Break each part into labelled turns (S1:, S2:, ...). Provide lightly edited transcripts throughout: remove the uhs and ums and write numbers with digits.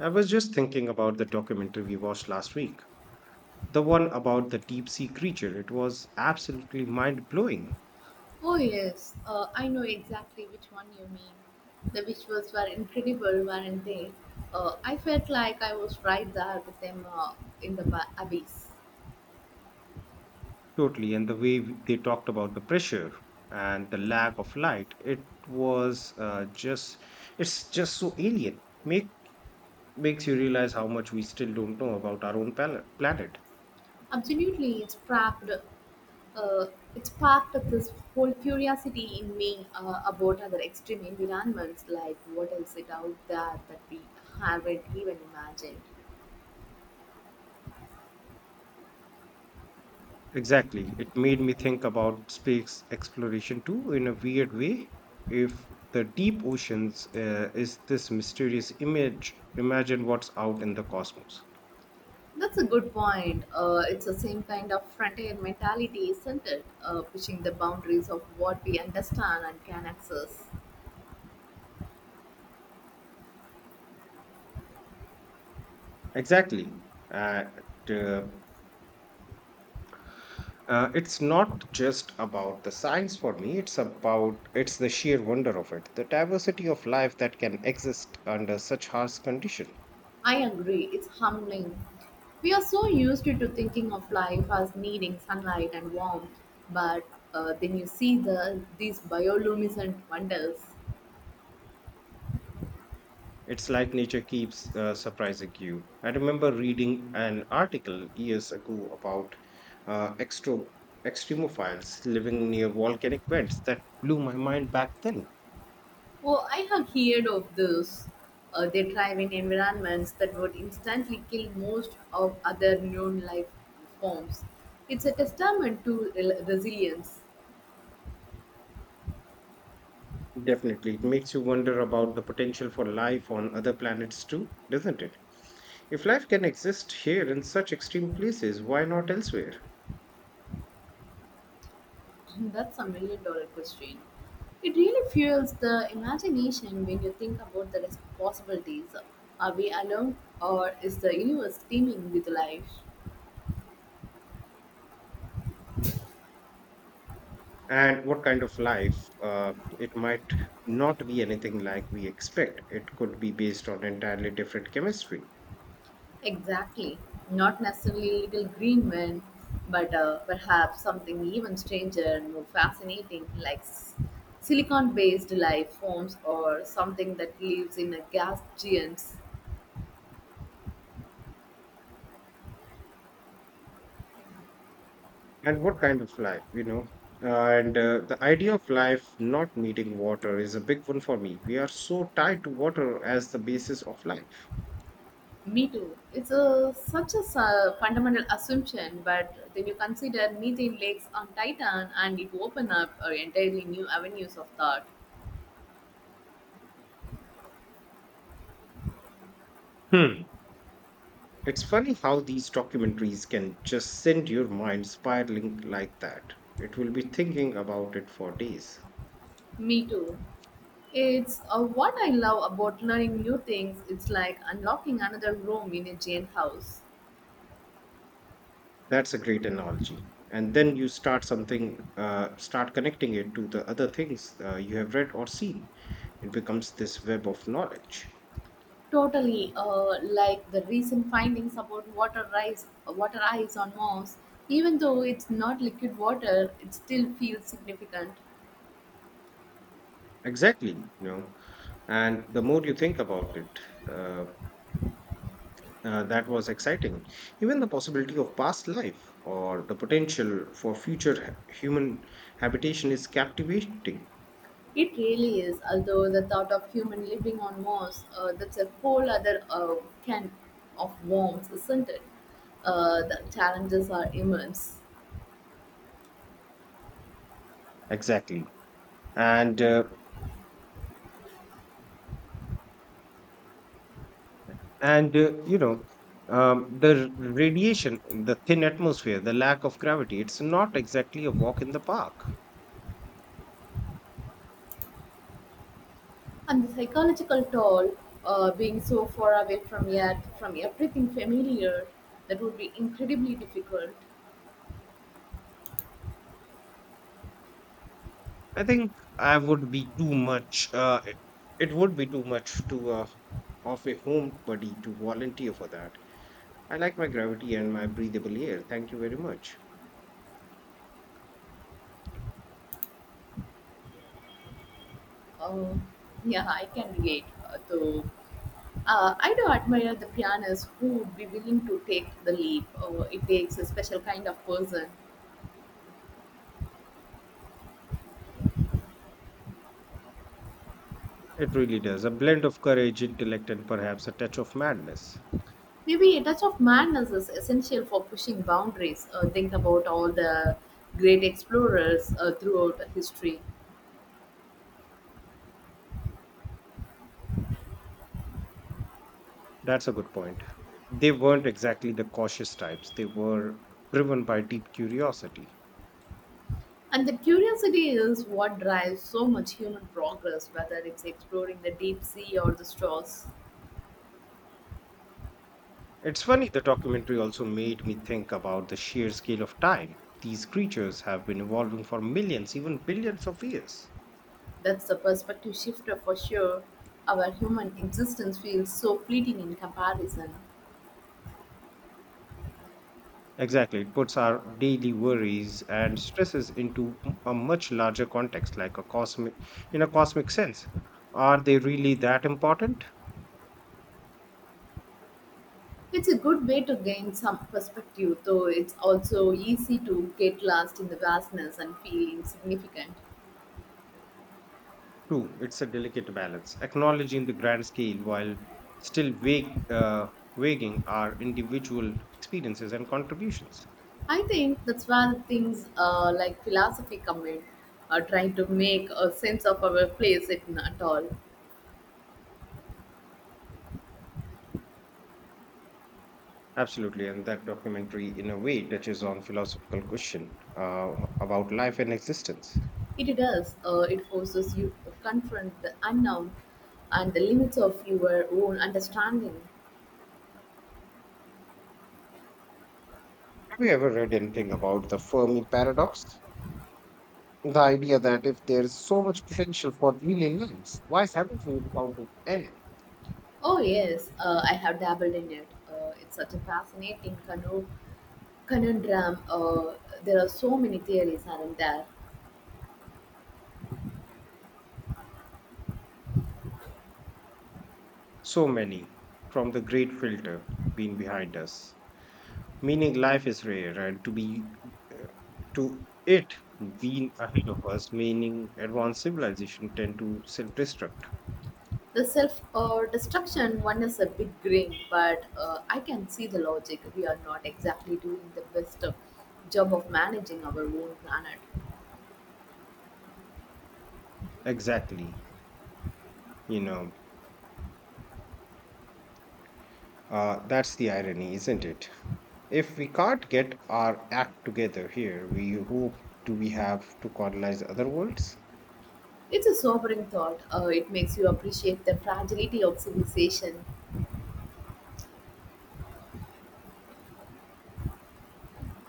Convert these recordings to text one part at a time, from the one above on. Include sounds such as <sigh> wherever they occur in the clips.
S1: I was just thinking about the documentary we watched last week, the one about the deep sea creature. It was absolutely mind blowing.
S2: Oh yes, I know exactly which one you mean. The visuals were incredible, weren't they? I felt like I was right there with them in the abyss.
S1: Totally. And the way they talked about the pressure and the lack of light, it was it's just so alien. Makes you realize how much we still don't know about our own planet.
S2: Absolutely, it's trapped. Uh, it's sparked this whole curiosity in me about other extreme environments. Like, what else is out there that we haven't even imagined?
S1: Exactly. It made me think about space exploration too, in a weird way. If the deep oceans is this mysterious image, imagine what's out in the cosmos.
S2: That's a good point. It's the same kind of frontier mentality, isn't it? Pushing the boundaries of what we understand and can access.
S1: Exactly. Uh, it, uh, it's not just about the science for me. It's the sheer wonder of it, the diversity of life that can exist under such harsh condition.
S2: I agree, it's humbling. We are so used to thinking of life as needing sunlight and warmth, but then you see the these bioluminescent wonders.
S1: It's like nature keeps surprising you. I remember reading an article years ago about uh, extro- extremophiles living near volcanic vents that blew my mind back then.
S2: Oh, I have heard of those. They thrive in environments that would instantly kill most of other known life forms. It's a testament to resilience.
S1: Definitely. It makes you wonder about the potential for life on other planets too, doesn't it? If life can exist here in such extreme places, why not elsewhere?
S2: <clears throat> That's a million dollar question. It really fuels the imagination when you think about the possibilities. Are we alone, or is the universe teeming with life?
S1: And what kind of life? It might not be anything like we expect. It could be based on entirely different chemistry.
S2: Exactly. Not necessarily little green men, but perhaps something even stranger and more fascinating, like silicon based life forms or something that lives in a gas giants.
S1: And what kind of life, you know? And the idea of life not needing water is a big one for me. We are so tied to water as the basis of life.
S2: Me too. It's a, such a fundamental assumption, but then you consider methane lakes on Titan and it open up entirely new avenues of thought.
S1: Hmm. It's funny how these documentaries can just send your mind spiraling like that. It will be thinking about it for days.
S2: Me too. It's what I love about learning new things. It's like unlocking another room in a jailhouse.
S1: That's a great analogy. And then you start start connecting it to the other things you have read or seen. It becomes this web of knowledge.
S2: Totally, like the recent findings about water ice on Mars. Even though it's not liquid water, it still feels significant.
S1: Exactly, you know. And the more you think about it, uh, that was exciting. Even the possibility of past life or the potential for future human habitation is captivating.
S2: It really is. Although the thought of human living on Mars, that's a whole other can of worms, isn't it? The challenges are immense.
S1: Exactly. And uh, and uh, you know, the radiation, the thin atmosphere, the lack of gravity. It's not exactly a walk in the park.
S2: And the psychological toll, being so far away from yet from everything familiar, that would be incredibly difficult.
S1: I think I would be too much. It would be too much to of a homebody to volunteer for that. I like my gravity and my breathable air. Thank you very much.
S2: Um, yeah, I can relate. Though I do admire the pianist who would be willing to take the leap. It takes a special kind of person.
S1: It really does. A blend of courage, intellect, and perhaps a touch of madness.
S2: Maybe a touch of madness is essential for pushing boundaries. Think about all the great explorers throughout history.
S1: That's a good point. They weren't exactly the cautious types, they were driven by deep curiosity.
S2: And the curiosity is what drives so much human progress, whether it's exploring the deep sea or the stars.
S1: It's funny, the documentary also made me think about the sheer scale of time. These creatures have been evolving for millions, even billions of years.
S2: That's the perspective shifter for sure. Our human existence feels so fleeting in comparison.
S1: Exactly, it puts our daily worries and stresses into a much larger context, like in a cosmic sense. Are they really that important?
S2: It's a good way to gain some perspective, though it's also easy to get lost in the vastness and feel insignificant.
S1: True, it's a delicate balance, acknowledging the grand scale while still weigh, uh, weighing our individual experiences and contributions.
S2: I think that's where things like philosophy come in, trying to make a sense of our place, if not all.
S1: Absolutely, and that documentary, in a way, touches on philosophical question about life and existence.
S2: It does. It forces you to confront the unknown and the limits of your own understanding.
S1: Have you ever read anything about the Fermi paradox? The idea that if there's so much potential for alien lives, why haven't we encountered any?
S2: Oh, yes, I have dabbled in it. It's such a fascinating conundrum. There are so many theories, are there?
S1: So many, from the great filter being behind us, meaning life is rare, and to be uh, to it being ahead of us, meaning advanced civilization tend to self-destruct.
S2: The self destruction one is a big grin, but I can see the logic. We are not exactly doing the best job of managing our own planet.
S1: Exactly. You know, that's the irony, isn't it? If we can't get our act together here, we hope do we have to colonize other worlds?
S2: It's a sobering thought. It makes you appreciate the fragility of civilization.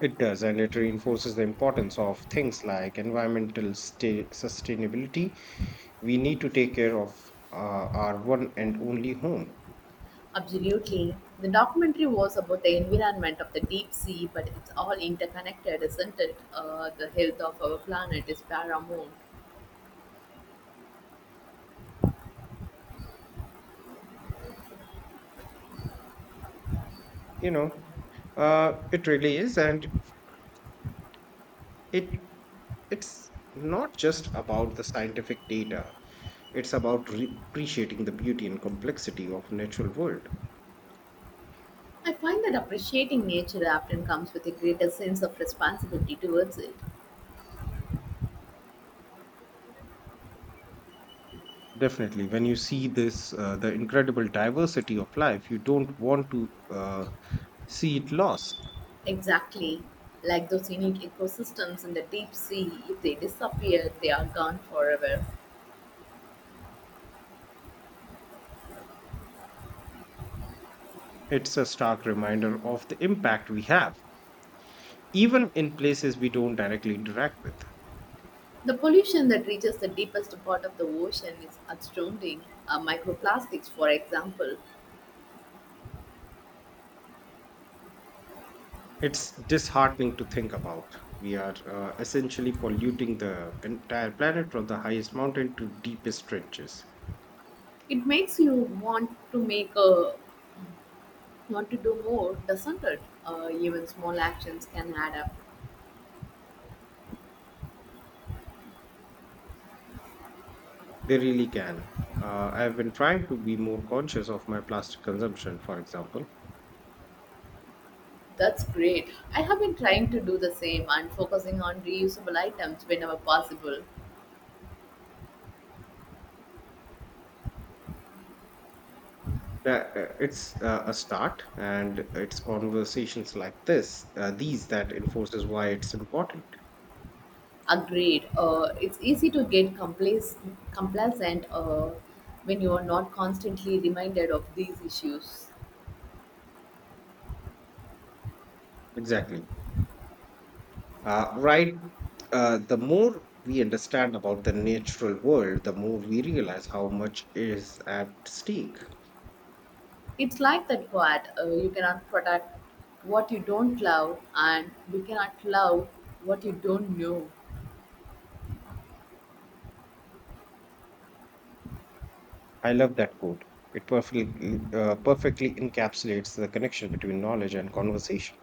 S1: It does, and it reinforces the importance of things like environmental sustainability. We need to take care of uh, our one and only home
S2: Absolutely. The documentary was about the environment of the deep sea, but it's all interconnected, isn't it? The health of our planet is paramount.
S1: you know it really is, and it it's not just about the scientific data, it's about appreciating the beauty and complexity of natural world.
S2: I find that appreciating nature often comes with a greater sense of responsibility towards it.
S1: Definitely. When you see the incredible diversity of life, you don't want to see it lost.
S2: Exactly. Like those unique ecosystems in the deep sea, if they disappear, they are gone forever.
S1: It's a stark reminder of the impact we have, even in places we don't directly interact with.
S2: The pollution that reaches the deepest part of the ocean is astounding. Microplastics, for example,
S1: It's disheartening to think about. We are essentially polluting the entire planet from the highest mountain to deepest trenches.
S2: it makes you want to make a want to do more, doesn't it? Even small actions can add up.
S1: They really can. I've been trying to be more conscious of my plastic consumption, for example.
S2: That's great. I have been trying to do the same and focusing on reusable items whenever possible.
S1: That, it's a start, and it's conversations like these that enforces why it's important.
S2: Agreed. It's easy to get complacent when you are not constantly reminded of these issues.
S1: Exactly. Uh, right. The more we understand about the natural world, the more we realize how much is at stake.
S2: It's like that quad. You cannot protect what you don't love, and you cannot love what you don't know.
S1: I love that quote. It perfectly encapsulates the connection between knowledge and conversation.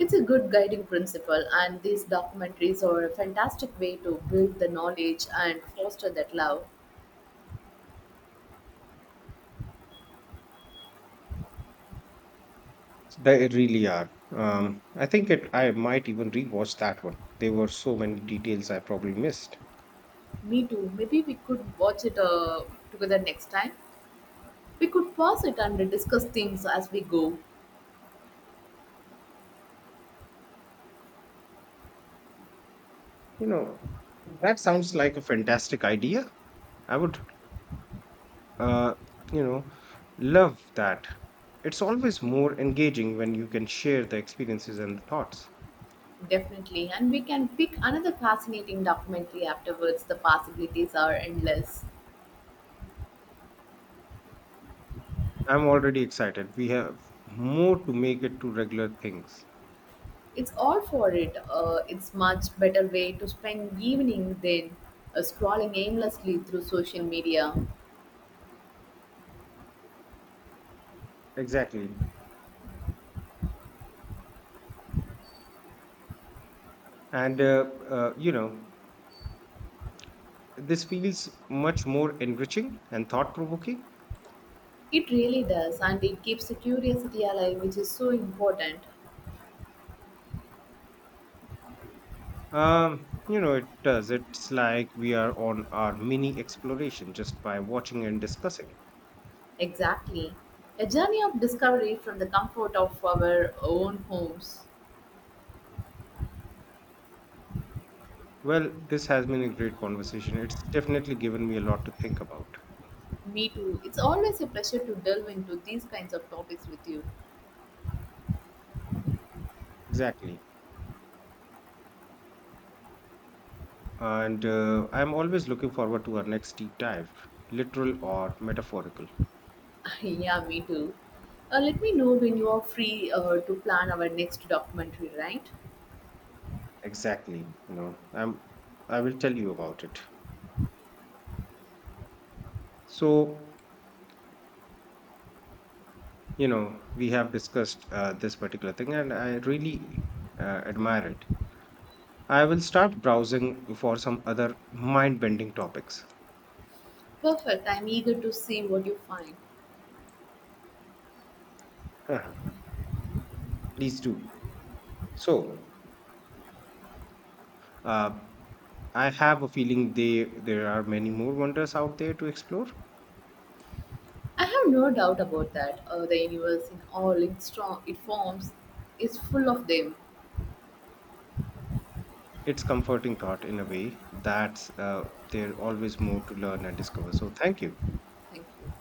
S2: It's a good guiding principle, and these documentaries are a fantastic way to build the knowledge and foster that love.
S1: They really are. I think I might even rewatch that one. There were so many details I probably missed.
S2: Me too. Maybe we could watch it together next time. We could pause it and discuss things as we go.
S1: You know, that sounds like a fantastic idea. I would uh, you know, love that. It's always more engaging when you can share the experiences and the thoughts.
S2: Definitely. And we can pick another fascinating documentary afterwards. The possibilities are endless.
S1: I'm already excited. We have more to make it to regular things.
S2: It's all for it. It's much better way to spend evening than scrolling aimlessly through social media.
S1: Exactly. And, uh, uh, you know, this feels much more enriching and thought provoking.
S2: It really does, and it keeps the curiosity alive, which is so important.
S1: It does. It's like we are on our mini exploration just by watching and discussing.
S2: Exactly. A journey of discovery from the comfort of our own homes.
S1: Well, this has been a great conversation. It's definitely given me a lot to think about.
S2: Me too. It's always a pleasure to delve into these kinds of topics with you.
S1: Exactly. And I'm always looking forward to our next deep dive, literal or metaphorical.
S2: <laughs> Yeah, me too. Let me know when you are free to plan our next documentary, right?
S1: Exactly. I will tell you about it. So, you know, we have discussed this particular thing, and I really admire it. I will start browsing for some other mind-bending topics.
S2: Perfect. I'm eager to see what you find.
S1: Uh, Please do. So, uh, I have a feeling they there are many more wonders out there to explore.
S2: I have no doubt about that. The universe in all its strong, it forms is full of them.
S1: It's comforting thought in a way that's there always more to learn and discover. So thank you.
S2: Thank you.